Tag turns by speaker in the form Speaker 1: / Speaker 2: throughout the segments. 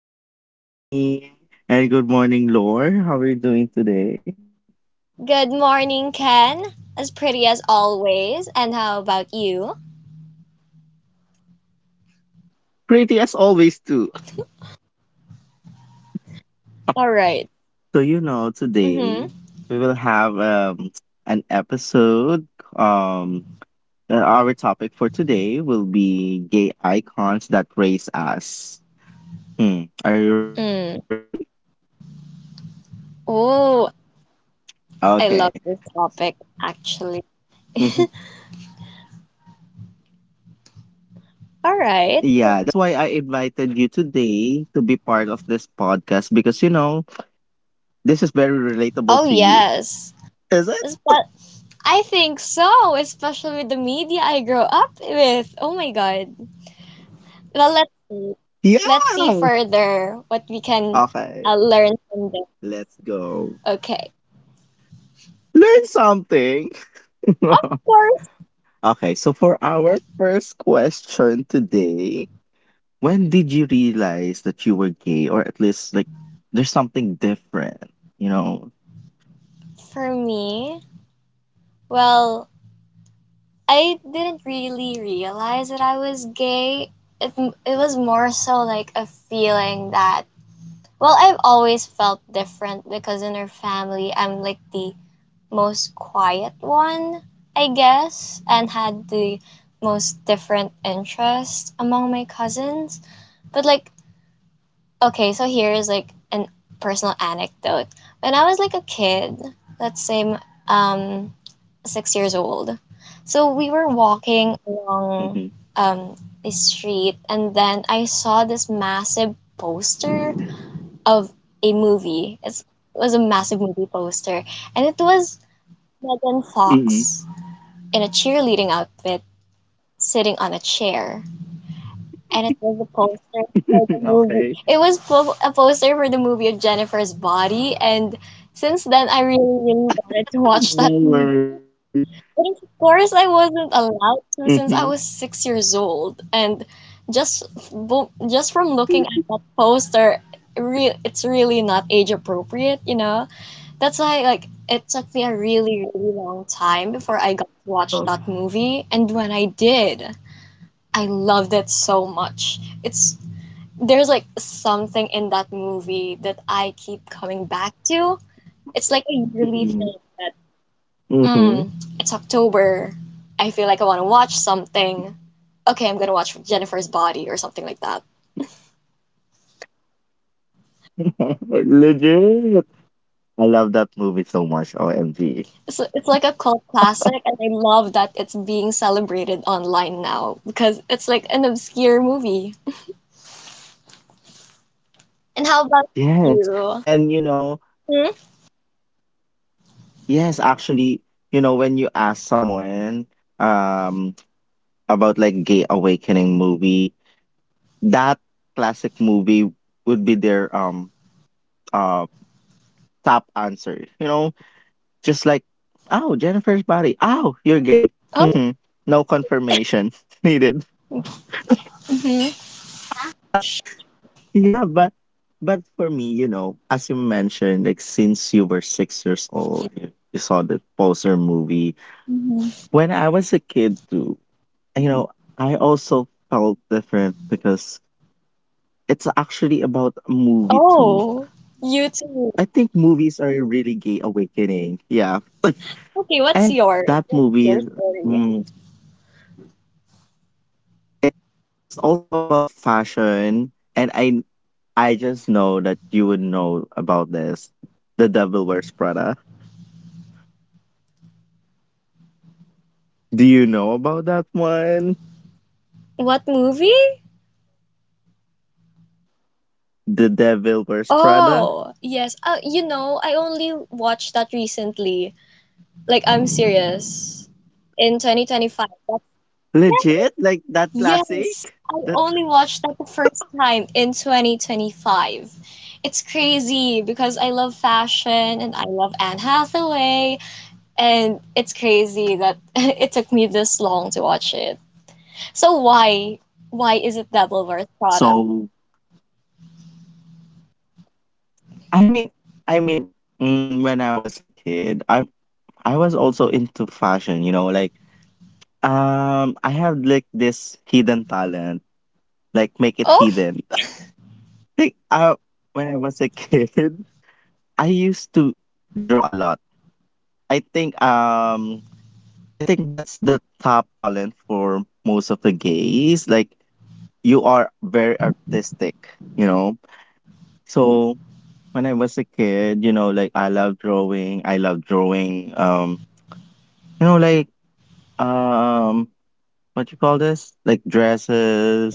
Speaker 1: everyone. Good morning. And good morning, Lore. How are you doing today?
Speaker 2: Good morning, Ken. As pretty as always. And how about you?
Speaker 1: Pretty as always, too.
Speaker 2: All right.
Speaker 1: So, you know, today
Speaker 2: Mm-hmm.
Speaker 1: we will have an episode. Um, our topic for today will be gay icons that raise us. Hmm. Are you
Speaker 2: Mm.
Speaker 1: ready?
Speaker 2: Oh, I
Speaker 1: Okay.
Speaker 2: love
Speaker 1: So,
Speaker 2: this topic, actually.
Speaker 1: mhm.
Speaker 2: All right.
Speaker 1: yeah, that's why I invited you today to be part of this podcast because, you know, this is very relatable
Speaker 2: Oh,
Speaker 1: to you.
Speaker 2: yes.
Speaker 1: Is it?
Speaker 2: But I think so, especially with the media I grew up with. Oh my God. Well, let's see.
Speaker 1: Yeah!
Speaker 2: Let's see further what we can
Speaker 1: Okay,
Speaker 2: learn from this.
Speaker 1: let's go.
Speaker 2: Okay.
Speaker 1: Learn something!
Speaker 2: Of course,
Speaker 1: Okay, so for our first question today, when did you realize that you were gay, or at least like there's something different, you know?
Speaker 2: for me, well, I didn't really realize that I was gay. It, it was more so like a feeling that, well, I've always felt different because in our family, I'm like the most quiet one, I guess, and had the most different interests among my cousins. But like, okay, so here is like an personal anecdote. When I was like a kid, let's say um 6 years old. So we were walking along
Speaker 1: Mm-hmm.
Speaker 2: um, the street, and then I saw this massive poster of a movie. It was a massive movie poster, and it was Megan Fox
Speaker 1: Mm-hmm.
Speaker 2: in a cheerleading outfit sitting on a chair, and it was a poster for the movie. It was
Speaker 1: Okay,
Speaker 2: a poster for the movie of Jennifer's Body, and since then I really, really wanted to watch that movie.
Speaker 1: no worry.
Speaker 2: But of course, I wasn't allowed to since I was
Speaker 1: Mm-hmm.
Speaker 2: 6 years old, and just from looking at that poster, it's really not age appropriate, you know. That's why like it took me a really long time before I got to watch that movie, and when I did, I loved it so much. It's there's like something in that movie that I keep coming back to. It's like a yearly
Speaker 1: Mm-hmm.
Speaker 2: thing.
Speaker 1: Mm-hmm.
Speaker 2: Mm, it's October. I feel like I want to watch something. Okay, I'm gonna watch Jennifer's Body or something like that.
Speaker 1: Legit. I love that movie so much,
Speaker 2: It's
Speaker 1: OMG.
Speaker 2: it's like a cult classic, and I love that it's being celebrated online now because it's like an obscure movie. And how about
Speaker 1: Yes.
Speaker 2: you?
Speaker 1: And you know,
Speaker 2: Hmm?
Speaker 1: yes, actually, you know, when you ask someone um about like Gay Awakening movie, that classic movie would be their uh top answer. You know, just like, oh, Jennifer's body. Oh, you're gay.
Speaker 2: Oh,
Speaker 1: Mhm. No confirmation needed.
Speaker 2: hmm
Speaker 1: Yeah, but for me, you know, as you mentioned, like since you were 6 years old, you saw the poster movie.
Speaker 2: hmm.
Speaker 1: When I was a kid too, you know, I also felt different because it's actually about a movie too.
Speaker 2: Oh, you too.
Speaker 1: I think movies are a really gay awakening. Yeah.
Speaker 2: Okay, what's
Speaker 1: And
Speaker 2: yours? What's
Speaker 1: that
Speaker 2: your
Speaker 1: movie,
Speaker 2: story?
Speaker 1: mm, it's also about fashion. And I just know that you would know about this. The Devil Wears Prada. Do you know about that one?
Speaker 2: What movie?
Speaker 1: The Devil Wears Prada?
Speaker 2: Oh, yes. You know, I only watched that recently. Like I'm serious. In 2025. That's-
Speaker 1: Legit? Like that
Speaker 2: Yes, I
Speaker 1: classic?
Speaker 2: only
Speaker 1: That
Speaker 2: watched that the first time in 2025. It's crazy because I love fashion and I love Anne Hathaway, and it's crazy that it took me this long to watch it. So why is it Double Worth Prada?
Speaker 1: so I mean, I mean, mm, when I was a kid, I was also into fashion. You know, like I have like this hidden talent, like make it
Speaker 2: Oh,
Speaker 1: hidden. Like when I was a kid, I used to draw a lot. I think um, I think that's the top talent for most of the gays. Like you are very artistic. You know, so when I was a kid, you know, like I love drawing. I love drawing. You know, like um, what you call this? Like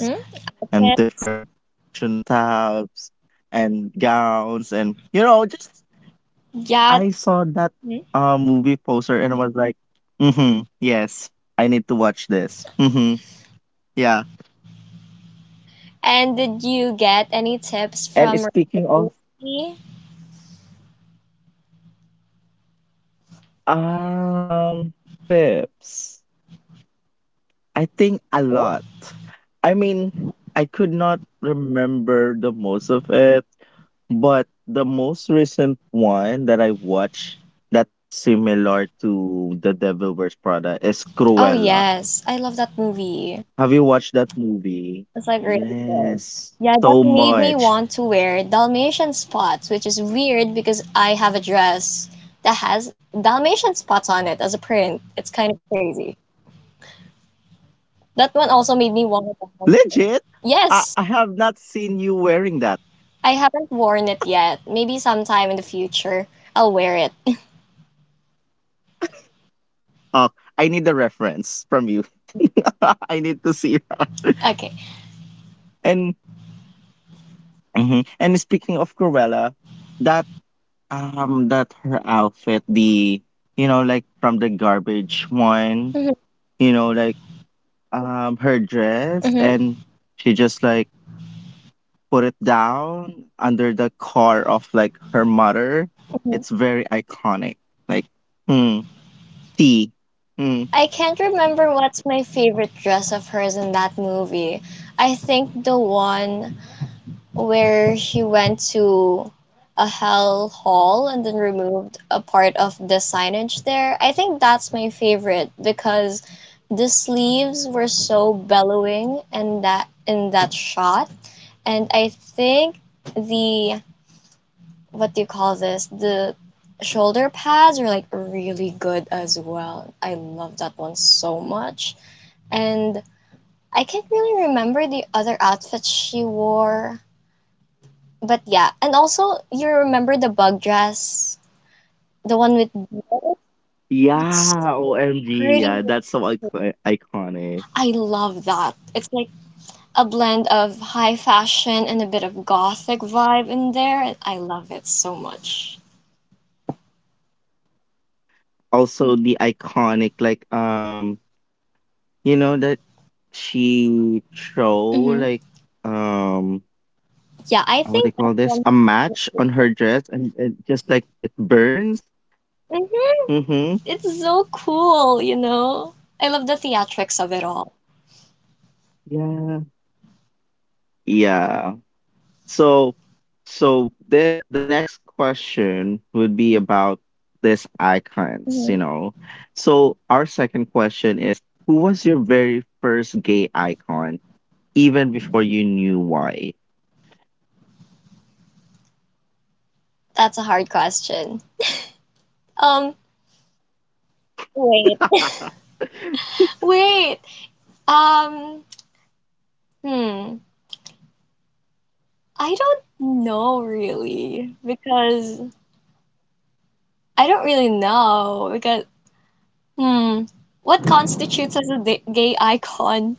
Speaker 2: hmm? Okay.
Speaker 1: and different fashion tabs and gowns and you know, just and
Speaker 2: Yeah.
Speaker 1: I saw that
Speaker 2: Hmm.
Speaker 1: movie poster and I was like, mm-hmm, yes, I need to watch this. Mm-hmm. Yeah.
Speaker 2: And did you get any tips from
Speaker 1: And speaking of
Speaker 2: Robotucci?
Speaker 1: um tips, I think a lot. I mean, I could not remember the most of it. But the most recent one that I watched that is similar to The Devil Wears Prada is
Speaker 2: Oh,
Speaker 1: Cruella.
Speaker 2: yes, I love that movie.
Speaker 1: Have you watched that movie?
Speaker 2: It's like really word.
Speaker 1: Yes,
Speaker 2: Yeah,
Speaker 1: so
Speaker 2: that made me
Speaker 1: much.
Speaker 2: want to wear Dalmatian spots, which is weird because I have a dress that has Dalmatian spots on it as a print. It's kind of crazy. That one also made me want to.
Speaker 1: Legit, I,
Speaker 2: Yes,
Speaker 1: I have not seen you wearing that.
Speaker 2: I haven't worn it yet. Maybe sometime in the future I'll wear it.
Speaker 1: Uh, I need a reference from you. I need to see that.
Speaker 2: Okay.
Speaker 1: And mhm. and speaking of Cruella, that her outfit, the like from the garbage one,
Speaker 2: Hmm
Speaker 1: you know, like her dress,
Speaker 2: hmm
Speaker 1: and she just like put it down under the car of like her mother.
Speaker 2: hmm.
Speaker 1: It's very iconic. Like, hmm, T. Hmm.
Speaker 2: I can't remember what's my favorite dress of hers in that movie. I think the one where he went to a hell hall and then removed a part of the signage there. I think that's my favorite because the sleeves were so bellowing and that in that shot. And I think the what do you call this? The shoulder pads are like really good as well. I love that one so much. And I can't really remember the other outfits she wore. But yeah, and also you remember the bug dress, the one with beads? It's
Speaker 1: Yeah,
Speaker 2: so
Speaker 1: OMG.
Speaker 2: pretty.
Speaker 1: Yeah, that's so iconic.
Speaker 2: I love that. It's like a blend of high fashion and a bit of gothic vibe in there, and I love it so much.
Speaker 1: Also the iconic like you know that she throw
Speaker 2: Hmm.
Speaker 1: like um
Speaker 2: Yeah, I
Speaker 1: what do you
Speaker 2: think that's
Speaker 1: call this? A
Speaker 2: one.
Speaker 1: match on her dress and it just like it burns.
Speaker 2: Mm-hmm.
Speaker 1: Mm-hmm.
Speaker 2: It's so cool, you know? I love the theatrics of it all.
Speaker 1: Yeah. Yeah. So so the next question would be about these icons,
Speaker 2: Hmm.
Speaker 1: you know. So our second question is who was your very first gay icon even before you knew why?
Speaker 2: That's a hard question. Um, wait, wait. Um, hmm. I don't know really because I don't really know because hmm what constitutes as a gay icon?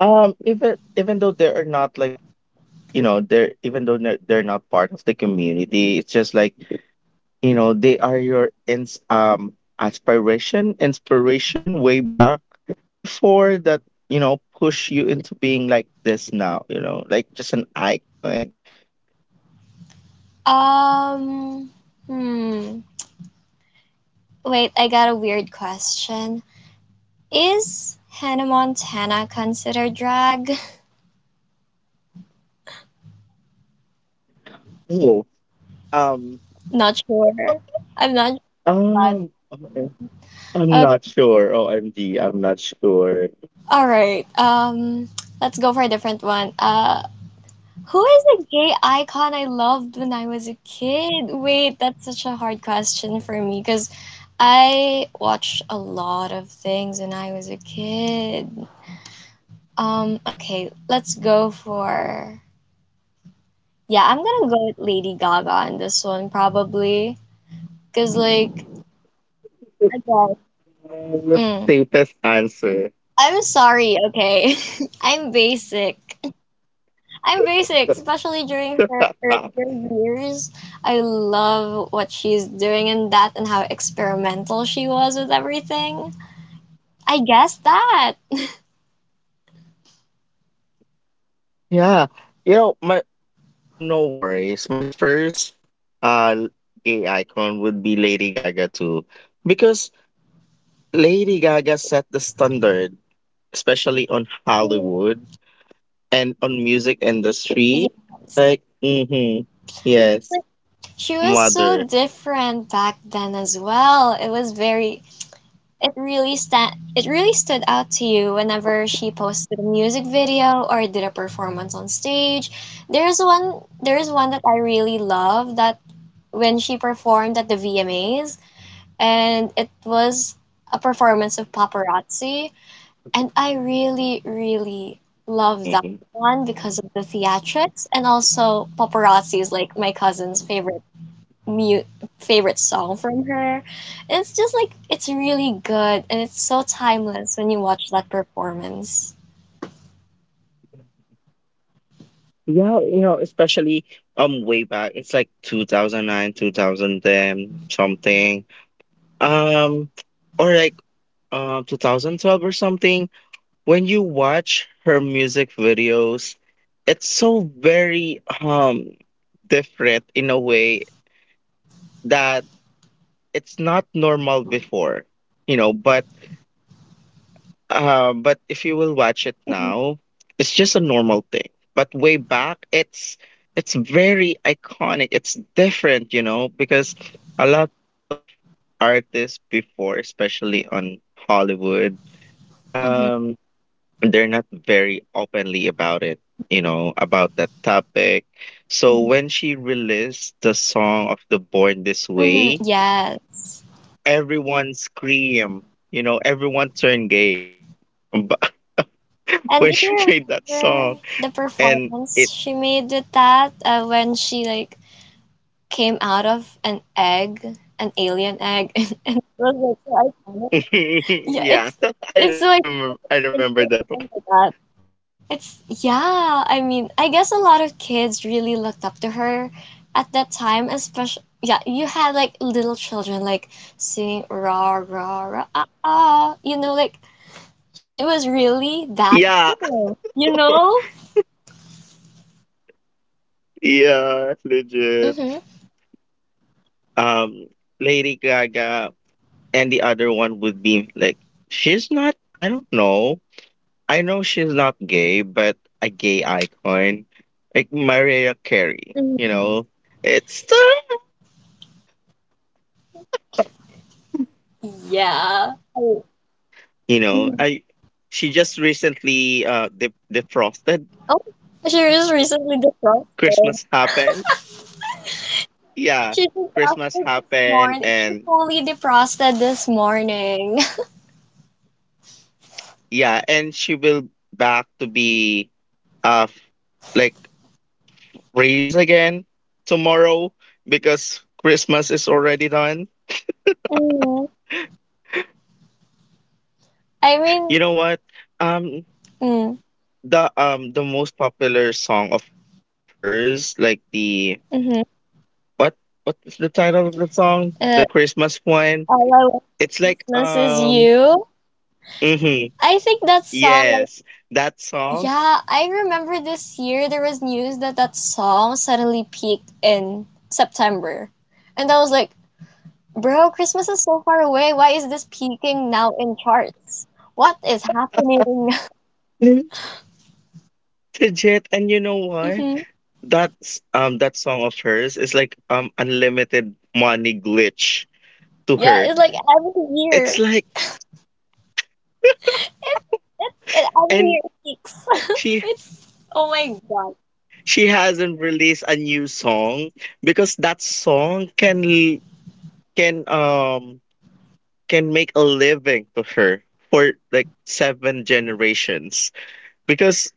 Speaker 1: Even though they are not like, you know, they're even though they're not part of the community, it's just like, you know, they are your inspiration way back before that, you know, push you into being like this now, you know, like just an icon.
Speaker 2: Um hmm Wait, I got a weird question. Is Hannah Montana considered drag?
Speaker 1: oh um
Speaker 2: Not sure. I'm not sure. About-
Speaker 1: um okay. I'm
Speaker 2: Uh,
Speaker 1: not sure, OMG, I'm not sure.
Speaker 2: all right. Let's go for a different one. Who is a gay icon I loved when I was a kid? Wait, that's such a hard question for me because I watched a lot of things when I was a kid. Okay, let's go for. Yeah, I'm gonna go with Lady Gaga on this one probably because, like, I guess.
Speaker 1: Uh,
Speaker 2: Mm.
Speaker 1: Safest answer.
Speaker 2: I'm sorry, okay? I'm basic. I'm basic, especially during her earlier years. I love what she's doing in that and how experimental she was with everything. I guess that.
Speaker 1: Yeah, you know, my so no worries, my first uh gay icon would be Lady Gaga too because Lady Gaga set the standard, especially on
Speaker 2: Mhm.
Speaker 1: Hollywood and on music industry.
Speaker 2: Yes.
Speaker 1: Like, mm-hmm, yes,
Speaker 2: She was so
Speaker 1: mother.
Speaker 2: different back then as well. It was very it really stood out to you whenever she posted a music video or did a performance on stage. There's one that I really love that when she performed at the VMAs and it was a performance of Paparazzi, and I really, really love
Speaker 1: Mm-hmm.
Speaker 2: that one because of the theatrics, and also Paparazzi is like my cousin's favorite mu favorite song from her. And it's just like it's really good, and it's so timeless when you watch that performance.
Speaker 1: Yeah, you know, especially way back, it's like 2009, 2010, something. Um, or like 2012 or something. When you watch her music videos, it's so very different in a way that it's not normal before, you know, but but if you will watch it
Speaker 2: Mhm,
Speaker 1: now, it's just a normal thing. But way back, it's very iconic. It's different, you know, because a lot of artists before, especially on Hollywood,
Speaker 2: mhm,
Speaker 1: um, they're not very openly about it, you know, about that topic. So
Speaker 2: mhm.
Speaker 1: when she released the song of the Born This
Speaker 2: Mhm,
Speaker 1: Way,
Speaker 2: yes.
Speaker 1: everyone scream, you know, everyone turn gay. But
Speaker 2: And
Speaker 1: when
Speaker 2: do
Speaker 1: she
Speaker 2: you
Speaker 1: made that song
Speaker 2: remember the
Speaker 1: and
Speaker 2: performance
Speaker 1: it
Speaker 2: she made with that when she like came out of an egg, an alien egg, and, it was like so iconic. Yeah, it's
Speaker 1: yeah,
Speaker 2: it's
Speaker 1: I
Speaker 2: so iconic.
Speaker 1: remember I
Speaker 2: I can
Speaker 1: remember
Speaker 2: still
Speaker 1: that one.
Speaker 2: remember that. It's yeah, I mean, I guess a lot of kids really looked up to her at that time, especially yeah, you had like little children like singing rah rah rah ah, ah you know, like she was really that
Speaker 1: Yeah.
Speaker 2: girl, you know?
Speaker 1: Yeah,
Speaker 2: Mm-hmm.
Speaker 1: legit. Um, Lady Gaga, and the other one would be like she's not. I don't know. I know she's not gay, but a gay icon like Mariah Carey. You know, it's the
Speaker 2: Yeah. I-
Speaker 1: you know, I she just recently defrosted.
Speaker 2: Oh, she was recently defrosted.
Speaker 1: Christmas happened. Yeah,
Speaker 2: She
Speaker 1: Christmas
Speaker 2: defrosted this
Speaker 1: happened,
Speaker 2: morning. She
Speaker 1: and
Speaker 2: fully defrosted this morning.
Speaker 1: yeah, and she will back to be uh like raised again tomorrow because Christmas is already done.
Speaker 2: Mhm. I mean,
Speaker 1: You know what? Um,
Speaker 2: mm,
Speaker 1: the most popular song of hers, like the
Speaker 2: hmm,
Speaker 1: what what is the title of the song? The
Speaker 2: uh,
Speaker 1: Christmas one.
Speaker 2: all I want for
Speaker 1: It's like
Speaker 2: Christmas is
Speaker 1: um.
Speaker 2: you.
Speaker 1: Mhm.
Speaker 2: I think that song,
Speaker 1: Yes, that
Speaker 2: like,
Speaker 1: song.
Speaker 2: yeah, I remember this year there was news that that song suddenly peaked in September. And I was like, bro, Christmas is so far away. Why is this peaking now in charts? What is happening?
Speaker 1: Mhm. Legit. And you know what? That song of hers is like unlimited money glitch to
Speaker 2: Yeah,
Speaker 1: her.
Speaker 2: it's like every
Speaker 1: It's
Speaker 2: year.
Speaker 1: like
Speaker 2: It's it's it every
Speaker 1: and
Speaker 2: year it peaks.
Speaker 1: she
Speaker 2: It's oh my God.
Speaker 1: she hasn't released a new song because that song can l- can um can make a living to her for like seven generations because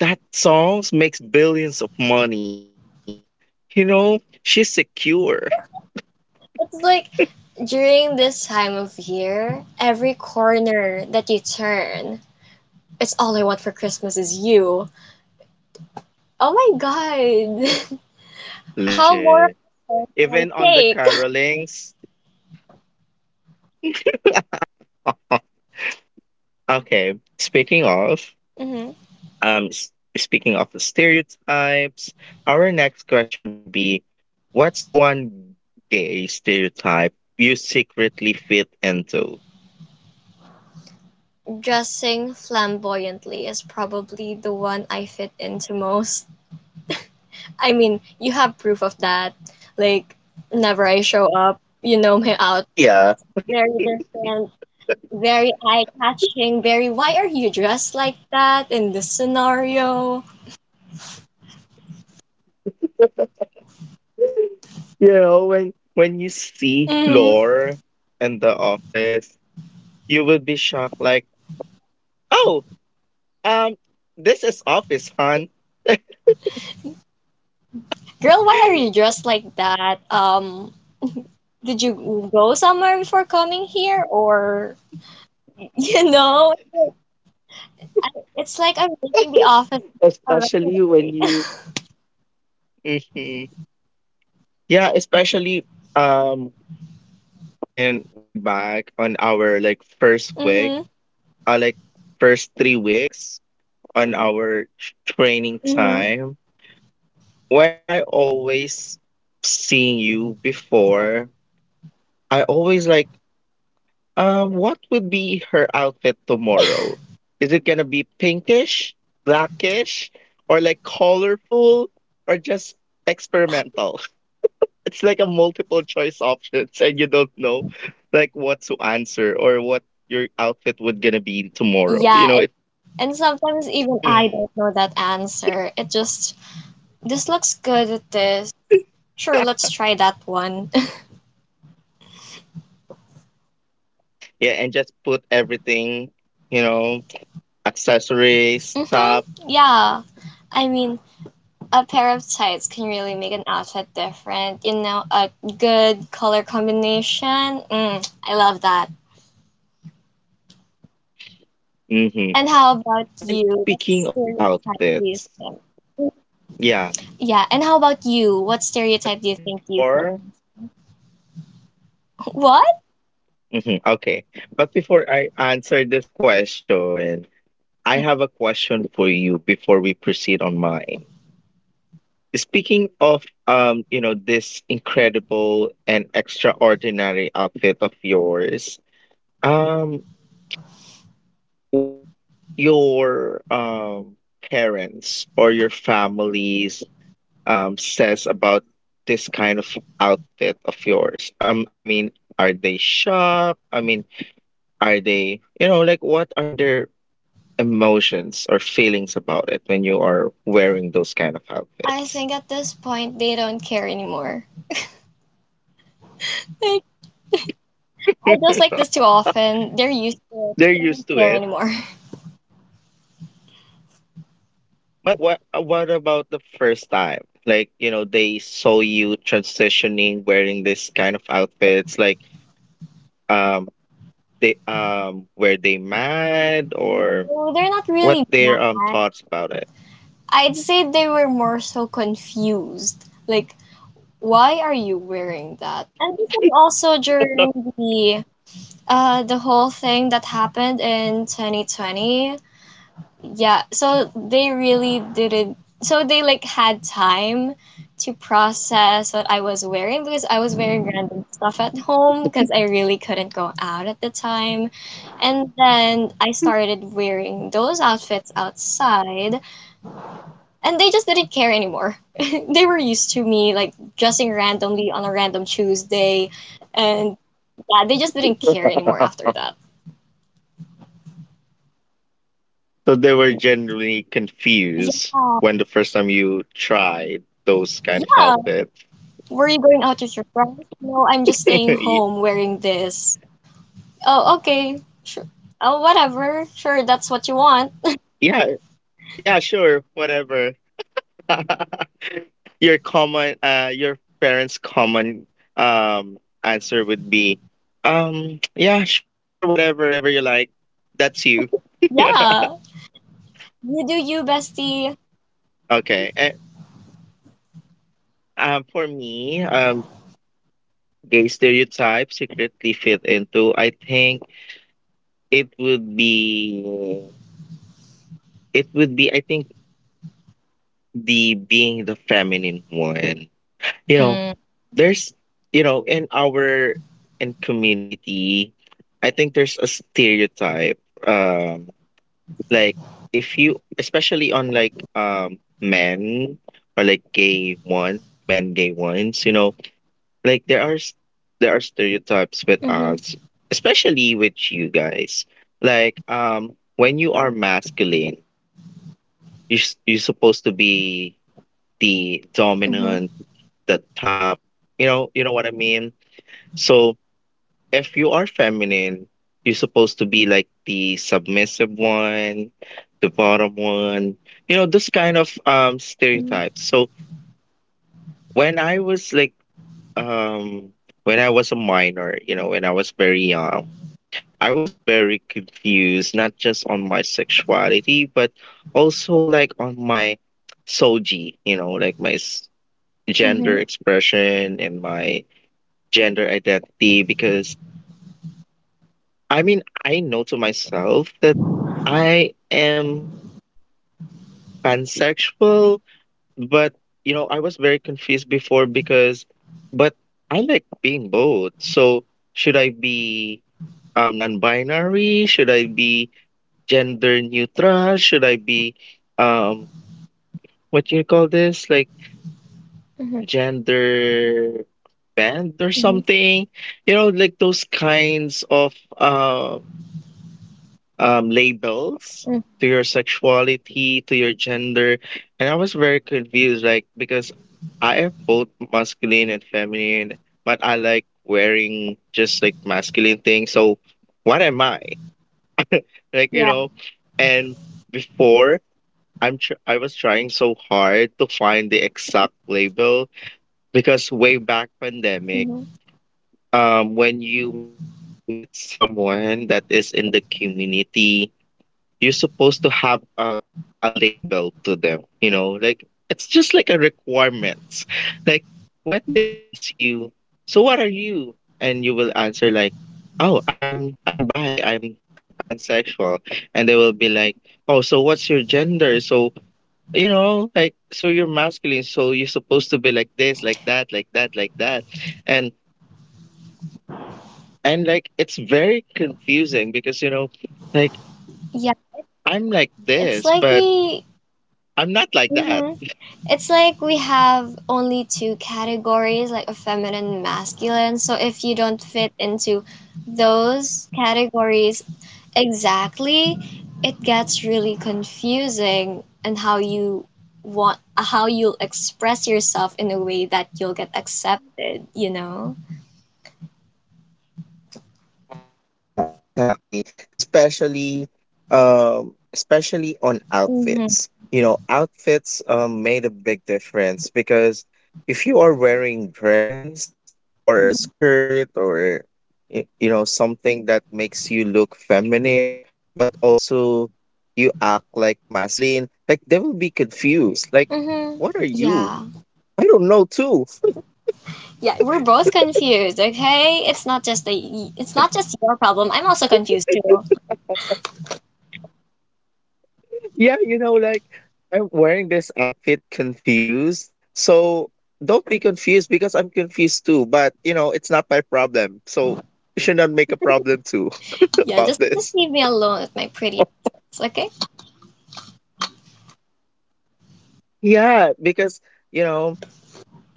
Speaker 1: that songs makes billions of money. You know, she's secure.
Speaker 2: It's like during this time of year, every corner that you turn, it's all I want for Christmas is you. Oh my God. How more of
Speaker 1: Legit.
Speaker 2: a can
Speaker 1: Even
Speaker 2: I
Speaker 1: on the
Speaker 2: take?
Speaker 1: carolings. o- Okay, speaking of
Speaker 2: Hmm.
Speaker 1: the stereotypes, our next question would be, what's one gay stereotype you secretly fit into?
Speaker 2: Dressing flamboyantly is probably the one I fit into most. I mean, you have proof of that. Like, whenever I show up, you know my outfit
Speaker 1: Yeah,
Speaker 2: very different, very eye-catching, very why are you dressed like that in this scenario?
Speaker 1: you know when you see
Speaker 2: Mm.
Speaker 1: Lore in the office, you would be shocked like, oh, um this is office hon,
Speaker 2: Girl, why are you dressed like that? Did you go somewhere before coming here? Or, you know, I, it's like I'm making the office a
Speaker 1: especially when
Speaker 2: runway.
Speaker 1: you hmm yeah, especially um and way back on our like first week,
Speaker 2: Mm-hmm.
Speaker 1: like first 3 weeks on our training
Speaker 2: Mm-hmm.
Speaker 1: time, when I always seeing you before, I always like, what would be her outfit tomorrow? Is it gonna be pinkish, blackish, or like colorful, or just experimental? It's like a multiple choice options, and you don't know like what to answer or what your outfit would gonna be tomorrow.
Speaker 2: Yeah,
Speaker 1: You
Speaker 2: it,
Speaker 1: know, it's like,
Speaker 2: and sometimes even
Speaker 1: hmm,
Speaker 2: I don't know that answer. It just, this looks good at this. Sure, let's try that one.
Speaker 1: yeah, and just put everything, you know, accessories,
Speaker 2: Mm-hmm.
Speaker 1: stuff.
Speaker 2: Yeah. I mean, a pair of tights can really make an outfit different. You know, a good color combination. Mm, I love that. And how
Speaker 1: Mm-hmm.
Speaker 2: about
Speaker 1: And
Speaker 2: you? What
Speaker 1: speaking of
Speaker 2: stereotype do
Speaker 1: outfits,
Speaker 2: you think?
Speaker 1: yeah,
Speaker 2: Yeah, and how about you? What
Speaker 1: but
Speaker 2: stereotype do you think you
Speaker 1: before.
Speaker 2: fit? What?
Speaker 1: Mhm. Okay. But before I answer this question, I have a question for you before we proceed on mine. Speaking of you know, this incredible and extraordinary outfit of yours, um, what your parents or your families says about this kind of outfit of yours? I mean, are they shocked? I mean, are they, like what are their emotions or feelings about it when you are wearing those kind of
Speaker 2: I
Speaker 1: outfits.
Speaker 2: think at this point they don't care anymore. Like, I just like this too often. They're used to it.
Speaker 1: They're
Speaker 2: They
Speaker 1: used
Speaker 2: don't
Speaker 1: to
Speaker 2: care
Speaker 1: it.
Speaker 2: anymore.
Speaker 1: But what about the first time? Like, you know, they saw you transitioning wearing this kind of outfits like um they were they mad, or
Speaker 2: No, they're not
Speaker 1: what
Speaker 2: really mad.
Speaker 1: their thoughts about it?
Speaker 2: I'd say they were more so confused. Like, why are you wearing that? And this is also during the the whole thing that happened in 2020. Yeah, so they really didn't so they like had time to process what I was wearing because I was wearing random stuff at home because I really couldn't go out at the time. And then I started wearing those outfits outside and they just didn't care anymore. They were used to me like dressing randomly on a random Tuesday, and yeah, they just didn't care anymore
Speaker 1: Uh,
Speaker 2: after that.
Speaker 1: So they were generally confused
Speaker 2: Yeah,
Speaker 1: when the first time you tried those kind of
Speaker 2: yeah.
Speaker 1: outfits.
Speaker 2: Were you going out with your friends? No, I'm just staying home wearing this. Oh, okay, sure. Oh, whatever. Sure, that's what you want.
Speaker 1: Yeah, yeah, sure, whatever. Your common, your parents' common um answer would be, yeah, sure, whatever, whatever you like. That's you.
Speaker 2: Yeah, you do you, bestie.
Speaker 1: Okay. And for me, gay stereotype secretly fit into. I think it would be, it would be. I think the being the feminine one. You know, there's, you know, in our in community, I think there's a stereotype, um like if you, especially on like men, or like gay ones, men gay ones, you know, like there are there are stereotypes with
Speaker 2: Mhm,
Speaker 1: us, especially with you guys, like when you are masculine, you're supposed to be the
Speaker 2: mhm,
Speaker 1: dominant, the top, you know what I mean. So if you are feminine, you're supposed to be like the submissive one, the bottom one, you know, this kind of
Speaker 2: mhm,
Speaker 1: stereotypes. So when I was like um when I was a minor, you know, when I was very young, I was very confused, not just on my sexuality, but also like on my soji, you know, like my gender
Speaker 2: mhm,
Speaker 1: expression and my gender identity, because I mean, I know to myself that I am pansexual, but you know, I was very confused before but I like being both. So should I be non-binary? Should I be gender neutral? Should I be um what you call this? Like
Speaker 2: mhm,
Speaker 1: gender band or
Speaker 2: mhm,
Speaker 1: something? You know, like those kinds of labels
Speaker 2: mhm.
Speaker 1: to your sexuality, to your gender. And I was very confused, like, because I am both masculine and feminine, but I like wearing just like masculine things. So what am I? Like, you
Speaker 2: Yeah,
Speaker 1: know, and before I was trying so hard to find the exact label because way back pandemic,
Speaker 2: mhm.
Speaker 1: when you meet someone that is in the community you're supposed to have a label to them, you know, like it's just like a requirements, like when they ask you, so what are you? And you will answer like, oh, I'm bi, I'm pansexual. And they will be like, oh, so what's your gender? So, you know, like, so you're masculine, so you're supposed to be like this, like that, like that, like that. And and like it's very confusing because, you know, like
Speaker 2: Yeah.
Speaker 1: I'm like
Speaker 2: It's
Speaker 1: this,
Speaker 2: like
Speaker 1: but
Speaker 2: we.
Speaker 1: I'm not like that.
Speaker 2: Mhm. It's like we have only two categories, like a feminine and masculine. So if you don't fit into those categories exactly, it gets really confusing and how you want how you'll express yourself in a way that you'll get accepted, you know?
Speaker 1: Yeah, exactly. Especially, especially on
Speaker 2: Mm-hmm.
Speaker 1: outfits. You know, outfits made a big difference because if you are wearing dress or a skirt or you know something that makes you look feminine, but also you act like masculine, like they will be confused. Like,
Speaker 2: Mm-hmm.
Speaker 1: what are you?
Speaker 2: Yeah.
Speaker 1: I don't know too.
Speaker 2: Yeah, we're both confused, okay? It's not it's not just your problem. I'm also confused too.
Speaker 1: Yeah, you know, like I'm wearing this outfit confused. So don't be confused because I'm confused too. But, you know, it's not my problem. So you should not make a problem too
Speaker 2: Yeah,
Speaker 1: about
Speaker 2: just
Speaker 1: this.
Speaker 2: leave me alone with my pretty accents, okay?
Speaker 1: Yeah, because, you know,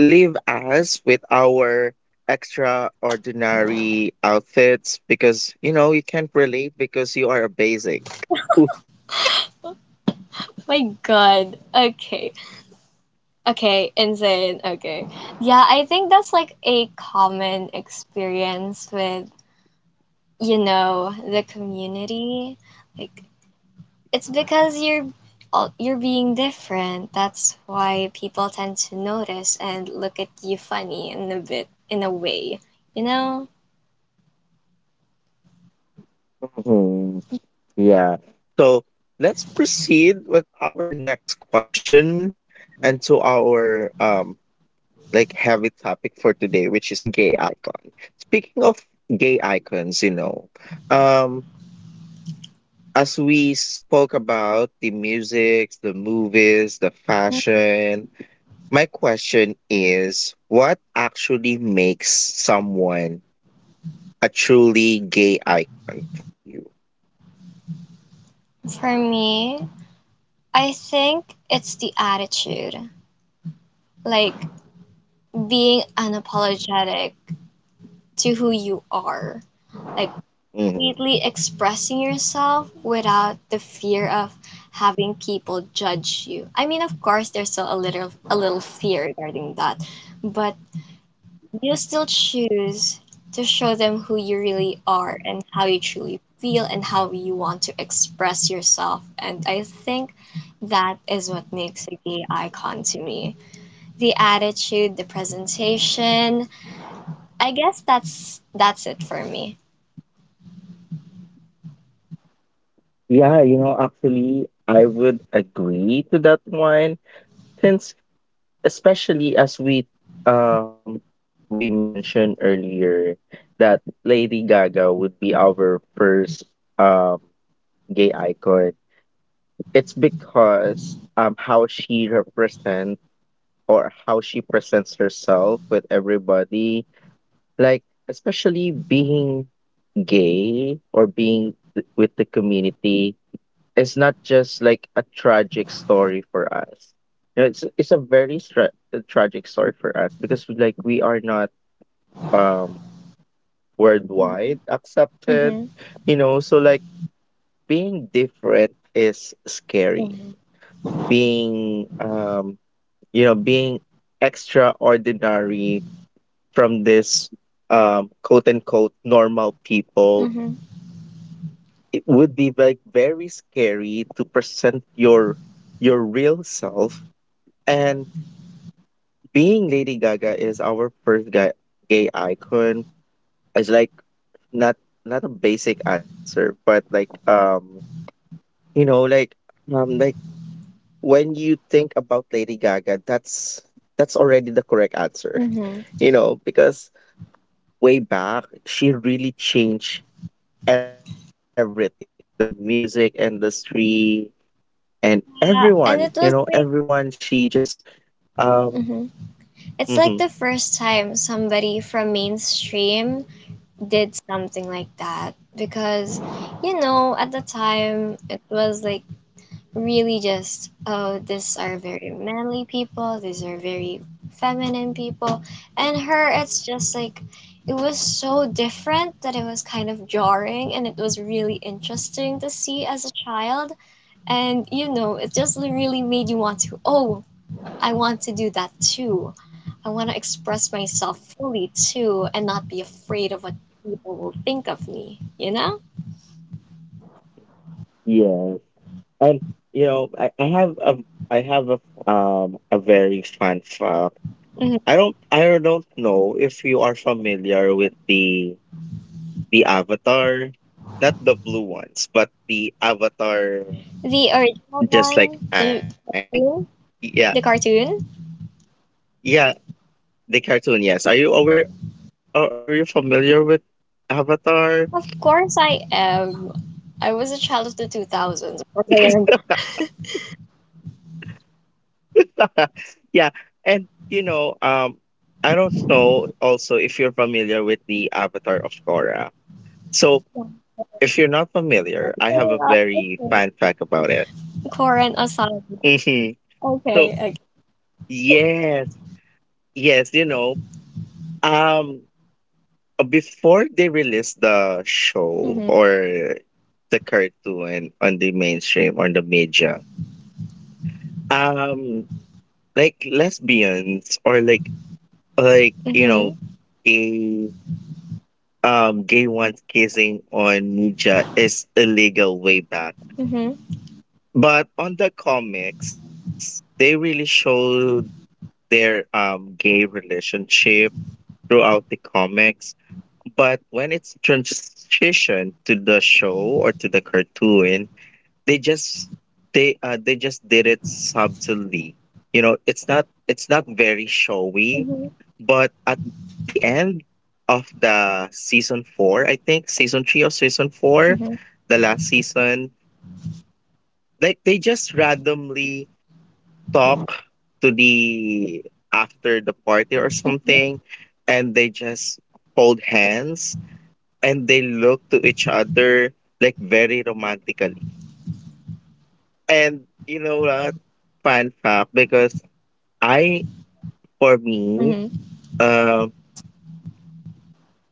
Speaker 1: leave us with our extraordinary outfits because, you know, you can't relate because you are a basic.
Speaker 2: My God. Okay. Okay, insane. Okay. Yeah, I think that's like a common experience with, you know, the community. Like it's because you're you're being different. That's why people tend to notice and look at you funny in a bit in a way, you know?
Speaker 1: Mhm. Yeah. So let's proceed with our next question and to our like heavy topic for today, which is gay icon. Speaking of gay icons, you know, um, as we spoke about the music, the movies, the
Speaker 2: Mm,
Speaker 1: fashion, my question is what actually makes someone a truly gay icon for you?
Speaker 2: for me, I think it's the attitude. Like being unapologetic to who you are, like
Speaker 1: Mm-hmm.
Speaker 2: completely expressing yourself without the fear of having people judge you. I mean, of course, there's still a little fear regarding that, but you still choose to show them who you really are and how you truly feel and how you want to express yourself. And I think that is what makes a gay icon to me. The attitude, the presentation, I guess that's it for me.
Speaker 1: Yeah, you know, actually, I would agree to that one since especially as we we mentioned earlier that Lady Gaga would be our first um gay icon. It's because how she represents or how she presents herself with everybody, like especially being gay or being with the community, it's not just like a tragic story for us. You know, it's a a tragic story for us because we, like we are not um worldwide accepted,
Speaker 2: Mm-hmm.
Speaker 1: you know. So like being different is scary.
Speaker 2: Mm-hmm.
Speaker 1: Being you know being extraordinary from this quote unquote normal people,
Speaker 2: Mm-hmm.
Speaker 1: it would be like very scary to present your real self. And being Lady Gaga is our gay icon. It's like not not a basic answer, but like you know like when you think about Lady Gaga, that's already the correct answer.
Speaker 2: Mm-hmm.
Speaker 1: You know, because way back she really changed everything, the music industry and
Speaker 2: Yeah, and
Speaker 1: everyone.
Speaker 2: it
Speaker 1: You
Speaker 2: was
Speaker 1: know
Speaker 2: like
Speaker 1: everyone. She just um.
Speaker 2: hmm it's like
Speaker 1: mhm.
Speaker 2: the first time somebody from mainstream did something like that because you know at the time it was like really just, oh, these are very manly people, these are very feminine people, and her it's just like it was so different that it was kind of jarring and it was really interesting to see as a child. And you know it just really made you want to, oh, I want to do that too. I want to express myself fully too and not be afraid of what people will think of me, you know.
Speaker 1: And you know, I have a I have a very fun fact.
Speaker 2: Mhm.
Speaker 1: I don't know if you are familiar with the Avatar, not the blue ones, but the Avatar,
Speaker 2: The original one,
Speaker 1: just like
Speaker 2: the
Speaker 1: Aang.
Speaker 2: cartoon.
Speaker 1: Yeah,
Speaker 2: The cartoon.
Speaker 1: yeah, the cartoon. Yes, are you aware? Are you familiar with Avatar?
Speaker 2: Of course I am. I was a child of the 2000s. Okay, and
Speaker 1: Yeah, and you know, I don't know also if you're familiar with the Avatar of Korra. So if you're not familiar, I have a
Speaker 2: yeah,
Speaker 1: very
Speaker 2: okay.
Speaker 1: fun fact about it.
Speaker 2: Korean aside.
Speaker 1: Hmm.
Speaker 2: Okay,
Speaker 1: So
Speaker 2: okay.
Speaker 1: yes, yes, you know, um, before they released the show
Speaker 2: Mm-hmm.
Speaker 1: or the cartoon on the mainstream or the media, um, like lesbians or like you know,
Speaker 2: Mm-hmm.
Speaker 1: gay gay ones kissing on media is illegal way back.
Speaker 2: Mm-hmm.
Speaker 1: But on the comics, they really show their gay relationship throughout the comics. But when it's transitioned to the show or to the cartoon, they just they just did it subtly. You know, it's not very showy,
Speaker 2: Mm-hmm.
Speaker 1: but at the end of the season four, I think season three or season four,
Speaker 2: Mm-hmm.
Speaker 1: the last season, like they just randomly talk to the after the party or
Speaker 2: Mm-hmm.
Speaker 1: something and they just hold hands and they look to each other like very romantically. And you know what, fun fact, because I for me
Speaker 2: Mm-hmm.
Speaker 1: um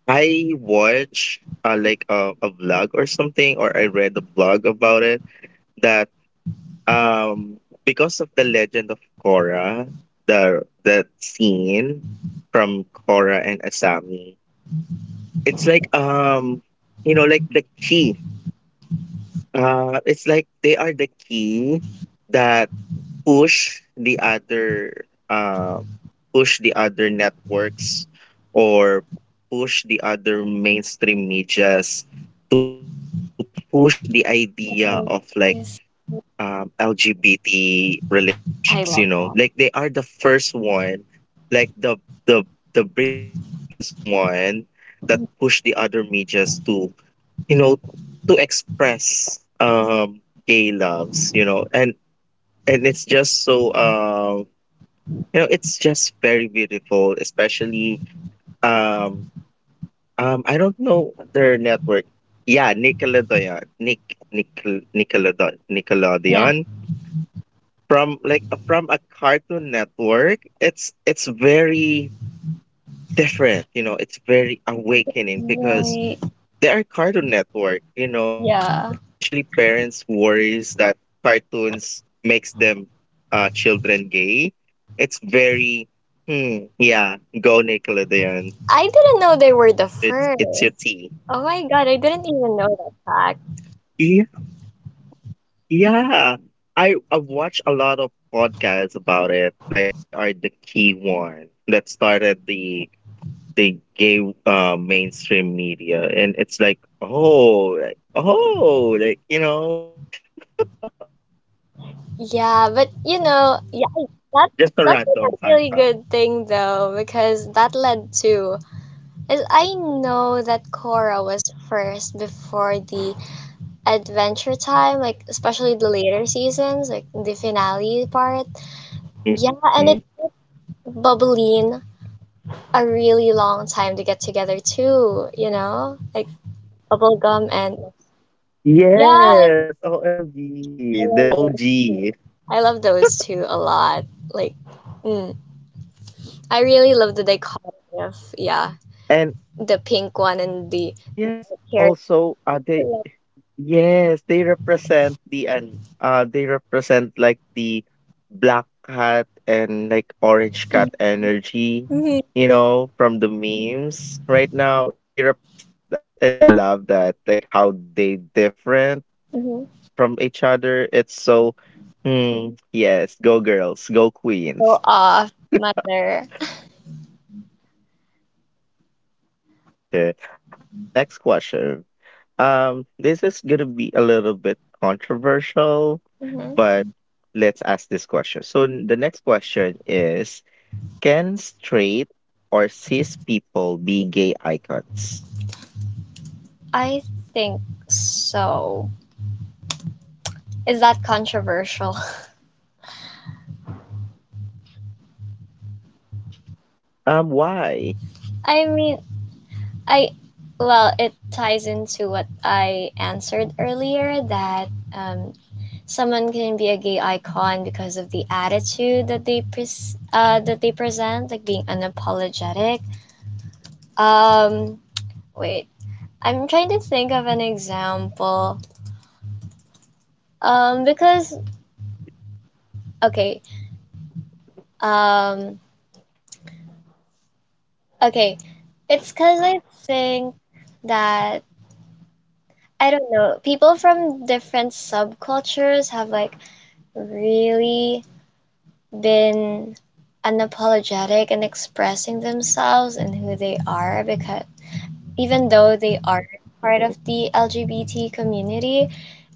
Speaker 1: I watch like a vlog or something, or I read a blog about it that, Um, because of the legend of Korra, the scene from Korra and Asami, it's like you know, like the key. It's like they are the key that push the other uh push the other networks, or push the other mainstream medias to push the idea of like
Speaker 2: Oh, yes.
Speaker 1: LGBT relationships.
Speaker 2: I
Speaker 1: You
Speaker 2: love
Speaker 1: know, like
Speaker 2: that.
Speaker 1: they are the first one, like the the bravest one that
Speaker 2: Mhm.
Speaker 1: push the other medias to you know to express gay loves. You know, and it's just so you know it's just very beautiful, especially um I don't know their network. Yeah, Nickelodeon,
Speaker 2: Yeah.
Speaker 1: Nickelodeon, from like from a cartoon network, it's very different, you know, it's very awakening because
Speaker 2: Very,
Speaker 1: they are cartoon network, you know,
Speaker 2: yeah.
Speaker 1: especially parents worries that cartoons makes them children gay. It's very hmm, yeah, go Nickelodeon.
Speaker 2: I didn't know they were the
Speaker 1: You it's your
Speaker 2: first.
Speaker 1: tea.
Speaker 2: Oh my god, I didn't even know that fact.
Speaker 1: Yeah, yeah, I watch a lot of podcasts about it, like they are the key one that started the they gave mainstream media, and it's like, oh, like, oh, like you know,
Speaker 2: Yeah, but you know, yeah, I- that's
Speaker 1: just a
Speaker 2: that's
Speaker 1: random
Speaker 2: like a
Speaker 1: fan
Speaker 2: really
Speaker 1: fact.
Speaker 2: good thing though, because that led to- As I know that Korra was first before the Adventure Time, like especially the later seasons, like the finale part. Yeah, and it
Speaker 1: Hmm.
Speaker 2: Bubbleen a really long time to get together too, you know? Like bubblegum and yeah, and
Speaker 1: Yes, OMG,
Speaker 2: I
Speaker 1: the
Speaker 2: love those
Speaker 1: OG,
Speaker 2: too. I love those two a lot. Like mm, I really love the dichotomy of yeah,
Speaker 1: and
Speaker 2: the pink one and the
Speaker 1: yes,
Speaker 2: carrot.
Speaker 1: also, they Yes, they represent the and they represent like the black cat and like orange cat energy,
Speaker 2: Mhm,
Speaker 1: you know, from the memes right now. They represent that, and I love that, like how they different
Speaker 2: mhm.
Speaker 1: from each other. It's so hmm, yes, go girls, go queens,
Speaker 2: Go off, mother.
Speaker 1: legit. Okay, next question. This is gonna be a little bit controversial,
Speaker 2: Hmm.
Speaker 1: but let's ask this question. So the next question is, can straight or cis people be gay icons?
Speaker 2: I think so. Is that controversial?
Speaker 1: Why?
Speaker 2: I mean, I well, it ties into what I answered earlier that um, someone can be a gay icon because of the attitude that they pres that they present, like being unapologetic. Um, wait, I'm trying to think of an example. Because okay, um, okay, it's because I think that I don't know, people from different subcultures have like really been unapologetic in expressing themselves and who they are because even though they are part of
Speaker 1: Mhm,
Speaker 2: the LGBT community,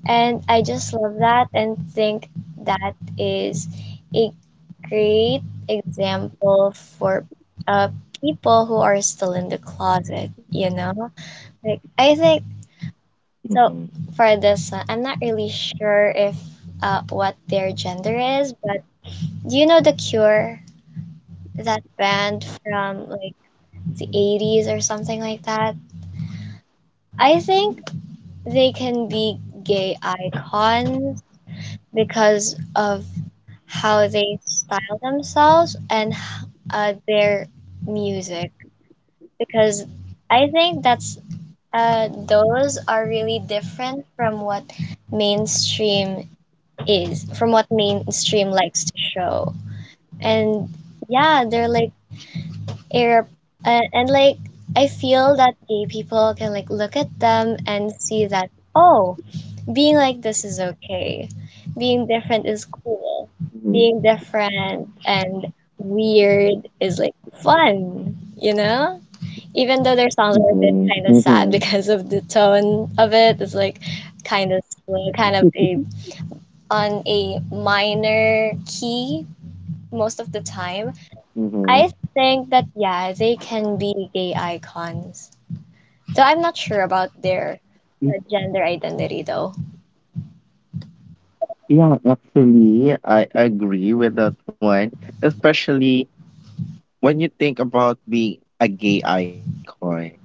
Speaker 2: and I just love that and think that is a great example for uh, people who are still in the closet, you know? Like I think so
Speaker 1: mhm,
Speaker 2: for this one, I'm not really sure if what their gender is, but do you know The Cure? That band from like
Speaker 1: mhm,
Speaker 2: the 80s or something like that. I think they can be gay icons because of how they style themselves and their music because I think that's those are really different from what mainstream is from what mainstream likes to show. And yeah, they're like air and like I feel that gay people can like look at them and see that, oh, being like this is okay. Being different is cool.
Speaker 1: mhm,
Speaker 2: Being different and weird is like fun, you know? Even though their songs are a bit
Speaker 1: mhm,
Speaker 2: kind of sad
Speaker 1: mhm,
Speaker 2: because of the tone of it, it's like kind of slow, kind of a on a minor key most of the time.
Speaker 1: mhm.
Speaker 2: I think that yeah, they can be gay icons. So I'm not sure about their
Speaker 1: Mm.
Speaker 2: gender identity though.
Speaker 1: Yeah, actually, I agree with that one, especially when you think about being a gay icon.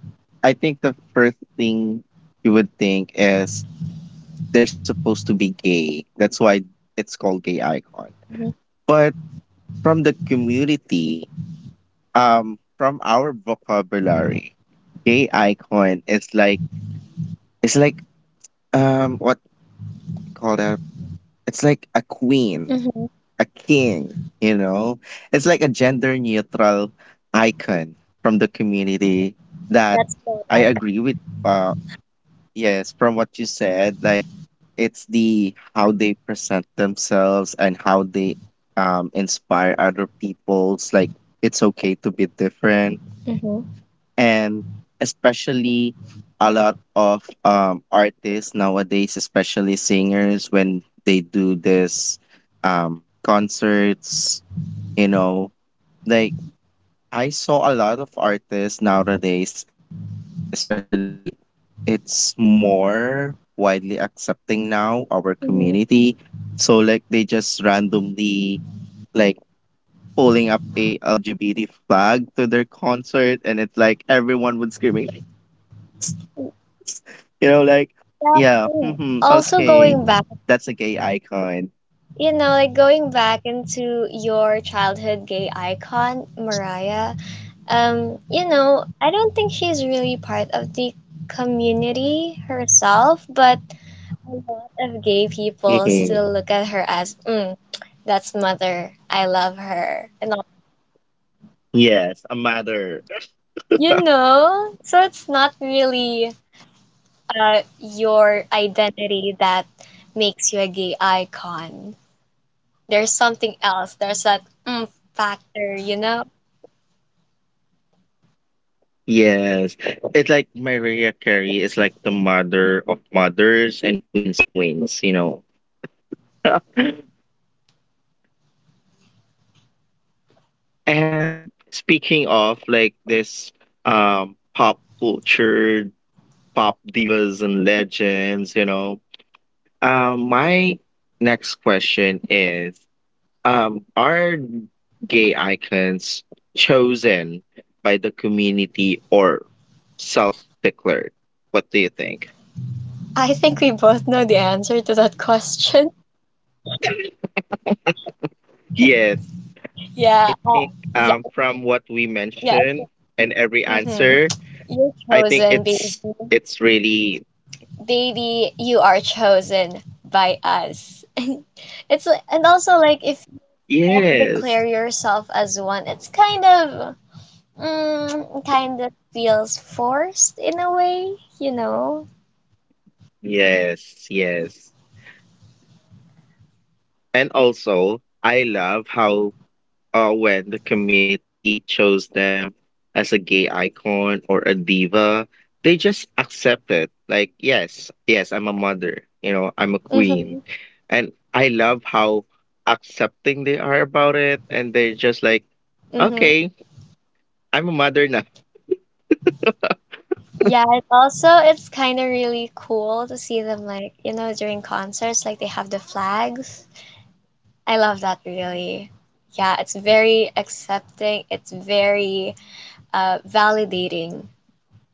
Speaker 1: I think the first thing you would think is they're supposed to be gay. That's why it's called gay icon.
Speaker 2: Mhm.
Speaker 1: But from the community, from our vocabulary, gay icon is like it's like what we call that? It's like a queen,
Speaker 2: Mm-hmm.
Speaker 1: a king, you know? It's like a gender neutral icon from the community that
Speaker 2: That's
Speaker 1: I
Speaker 2: Monarch.
Speaker 1: agree with uh yes, from what you said, like it's the how they present themselves and how they inspire other people's like it's okay to be different.
Speaker 2: Mm-hmm.
Speaker 1: And especially a lot of artists nowadays, especially singers when they do this concerts, you know, like I saw a lot of artists nowadays, especially it's more widely accepting now our
Speaker 2: Mm-hmm.
Speaker 1: community. So like they just randomly like pulling up a LGBT flag to their concert, and it's like everyone would screaming like you know like
Speaker 2: Yeah. Mm.
Speaker 1: yeah,
Speaker 2: Also
Speaker 1: mhm,
Speaker 2: going back,
Speaker 1: okay, that's a gay icon.
Speaker 2: you know, like going back into your childhood gay icon, Mariah. You know, I don't think she's really part of the community herself, but a lot of gay people
Speaker 1: Mhm.
Speaker 2: still look at her as, mm, that's mother. I love her. And all,
Speaker 1: Yes, a mother.
Speaker 2: you know, so it's not really your identity that makes you a gay icon. There's something else. There's that mm factor, you know?
Speaker 1: Yes, it's like Mariah Carey is like the mother of mothers and queens of queens, you know. And speaking of like this pop culture, pop divas and legends, you know. My next question is are gay icons chosen by the community or self-declared? What do you think?
Speaker 2: I think we both know the answer to that question.
Speaker 1: Yes,
Speaker 2: Yeah,
Speaker 1: I think
Speaker 2: yeah,
Speaker 1: from what we
Speaker 2: yeah.
Speaker 1: mentioned and every
Speaker 2: Hmm.
Speaker 1: answer,
Speaker 2: You're
Speaker 1: I
Speaker 2: chosen,
Speaker 1: think
Speaker 2: baby.
Speaker 1: it's really
Speaker 2: Baby, you are chosen by us. And it's li- and also like if you self-declare
Speaker 1: yes,
Speaker 2: yourself as one, it's kind of mm, kind of feels forced in a way, you know.
Speaker 1: yes, yes. And also, I love how when the community chose them as a gay icon or a diva, they just accept it. Like, yes, yes, I'm a mother, you know, I'm a
Speaker 2: Mhm.
Speaker 1: queen. And I love how accepting they are about it. And they're just like,
Speaker 2: Mhm.
Speaker 1: okay, I'm a mother now.
Speaker 2: Yeah, it also it's kind of really cool to see them like, you know, during concerts like they have the flags. I love that really. Yeah, it's very accepting. It's very validating,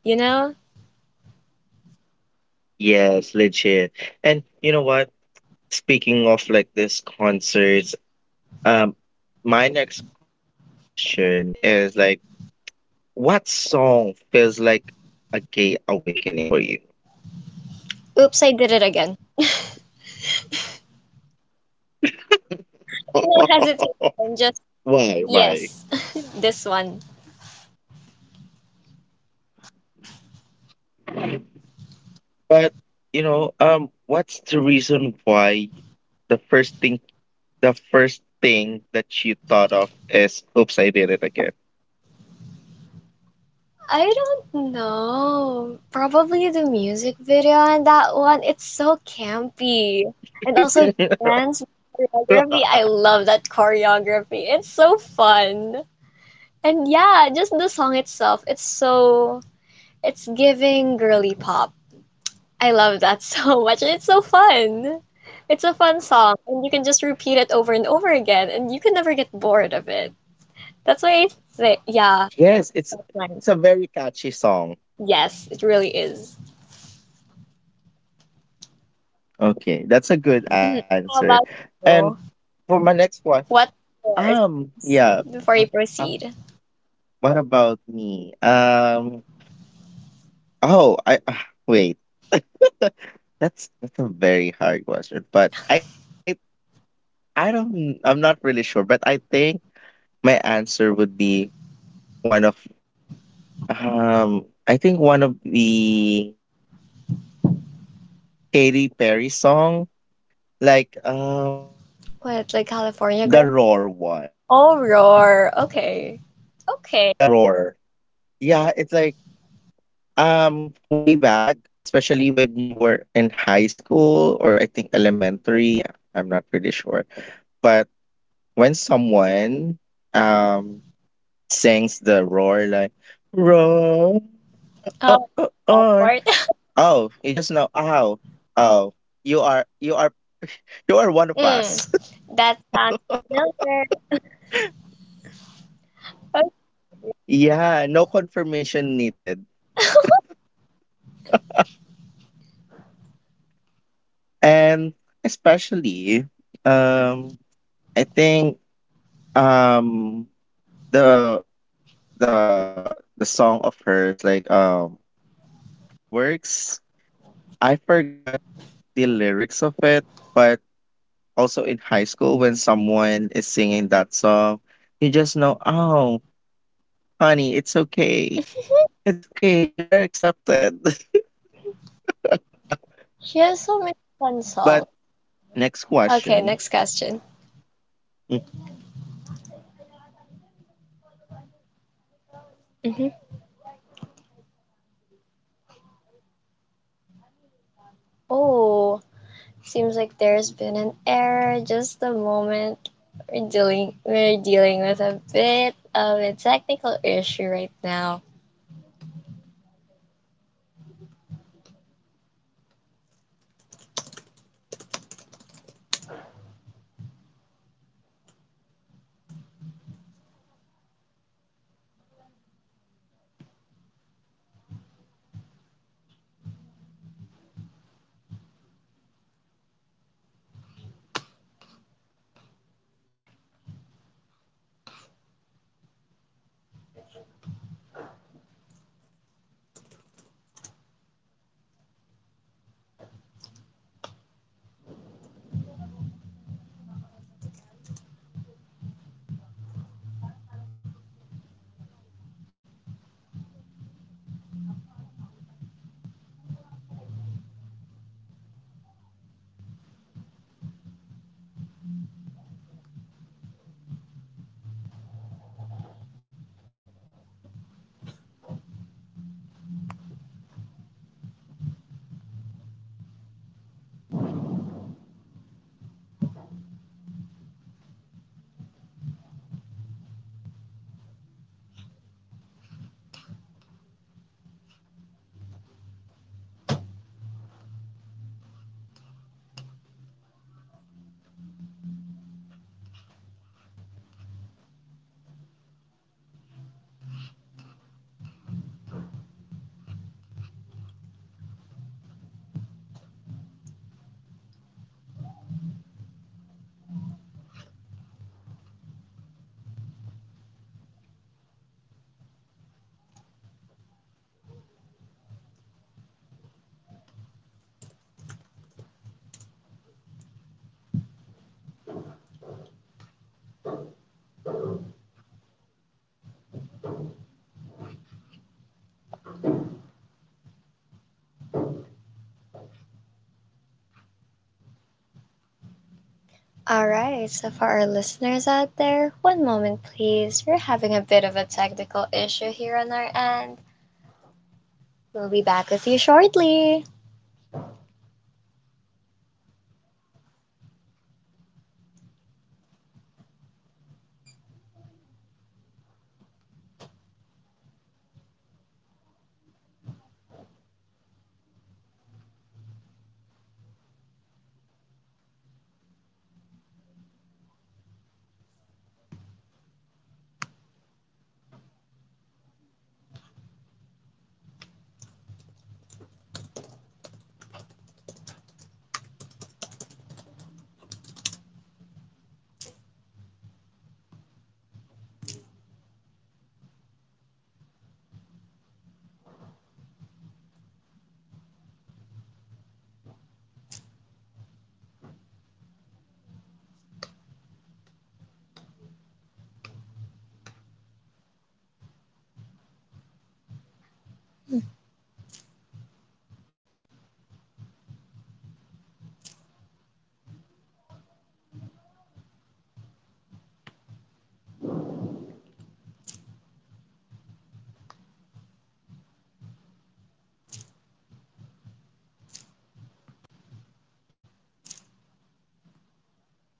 Speaker 2: you know?
Speaker 1: Yes, legit. And you know what? Speaking of like this concerts, um, my next question is like, what song feels like a gay awakening for you?
Speaker 2: Oops, I did it again. No hesitation, just
Speaker 1: Why? Why?
Speaker 2: yes, this one.
Speaker 1: But you know, what's the reason why the first thing the first thing that you thought of is oops, I did it again.
Speaker 2: I don't know. Probably the music video on that one. It's so campy. And also dance choreography. I love that choreography. It's so fun. And yeah, just the song itself. It's so it's giving girly pop. I love that so much. It's so fun. It's a fun song and you can just repeat it over and over again and you can never get bored of it. That's why I say, yeah,
Speaker 1: Yes,
Speaker 2: that one.
Speaker 1: it's a very catchy song.
Speaker 2: Yes, it really is.
Speaker 1: Okay, that's a good
Speaker 2: Mhm.
Speaker 1: answer.
Speaker 2: How about
Speaker 1: And
Speaker 2: you?
Speaker 1: for my next one,
Speaker 2: What yours?
Speaker 1: yeah. Uh,
Speaker 2: Before you
Speaker 1: uh,
Speaker 2: proceed,
Speaker 1: what about me? Um, Oh, I ah, wait. That's a very hard question, but I don't I'm not really sure, but I think my answer would be one of the Katy Perry song, like
Speaker 2: what like California
Speaker 1: the
Speaker 2: girl?
Speaker 1: roar one,
Speaker 2: Oh, roar. Okay,
Speaker 1: the
Speaker 2: okay.
Speaker 1: roar. Yeah, it's like way back, especially when you were in high school or I think elementary. I'm not really sure, but when someone um sings the roar like roar
Speaker 2: Um, that
Speaker 1: roar.
Speaker 2: part.
Speaker 1: Oh, you just know, oh oh, you are you are one of
Speaker 2: Mm,
Speaker 1: us.
Speaker 2: that sounds familiar. Oh,
Speaker 1: Yeah, no confirmation needed. And especially um I think um the the song of hers, like fireworks. I forgot the lyrics of it, but also in high school, when someone is singing that song, you just know, oh, honey, it's okay. It's okay. You are accepted.
Speaker 2: she has so many fun
Speaker 1: But
Speaker 2: songs.
Speaker 1: next
Speaker 2: Okay,
Speaker 1: question.
Speaker 2: next question.
Speaker 1: Hmm. Next question is I don't know
Speaker 2: Hmm.
Speaker 1: if you will be relate into it, but why do sad
Speaker 2: Oh,
Speaker 1: breakup
Speaker 2: seems like there's
Speaker 1: songs
Speaker 2: been an
Speaker 1: hit
Speaker 2: error
Speaker 1: gays
Speaker 2: just a
Speaker 1: harder?
Speaker 2: moment. We're dealing with a bit of a technical issue right now.
Speaker 1: Like, do you have any experience like being heartbroken because hello, hello, hello, hello, hello.
Speaker 2: Alright, so for our listeners out there, one moment please. We're having a bit of a technical issue here on our end. We'll be back with you shortly. Hmm.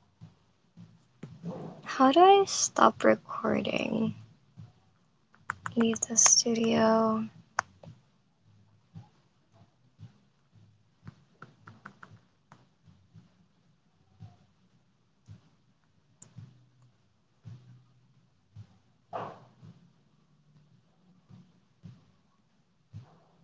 Speaker 2: How do I stop recording? Leave the studio. Hmm.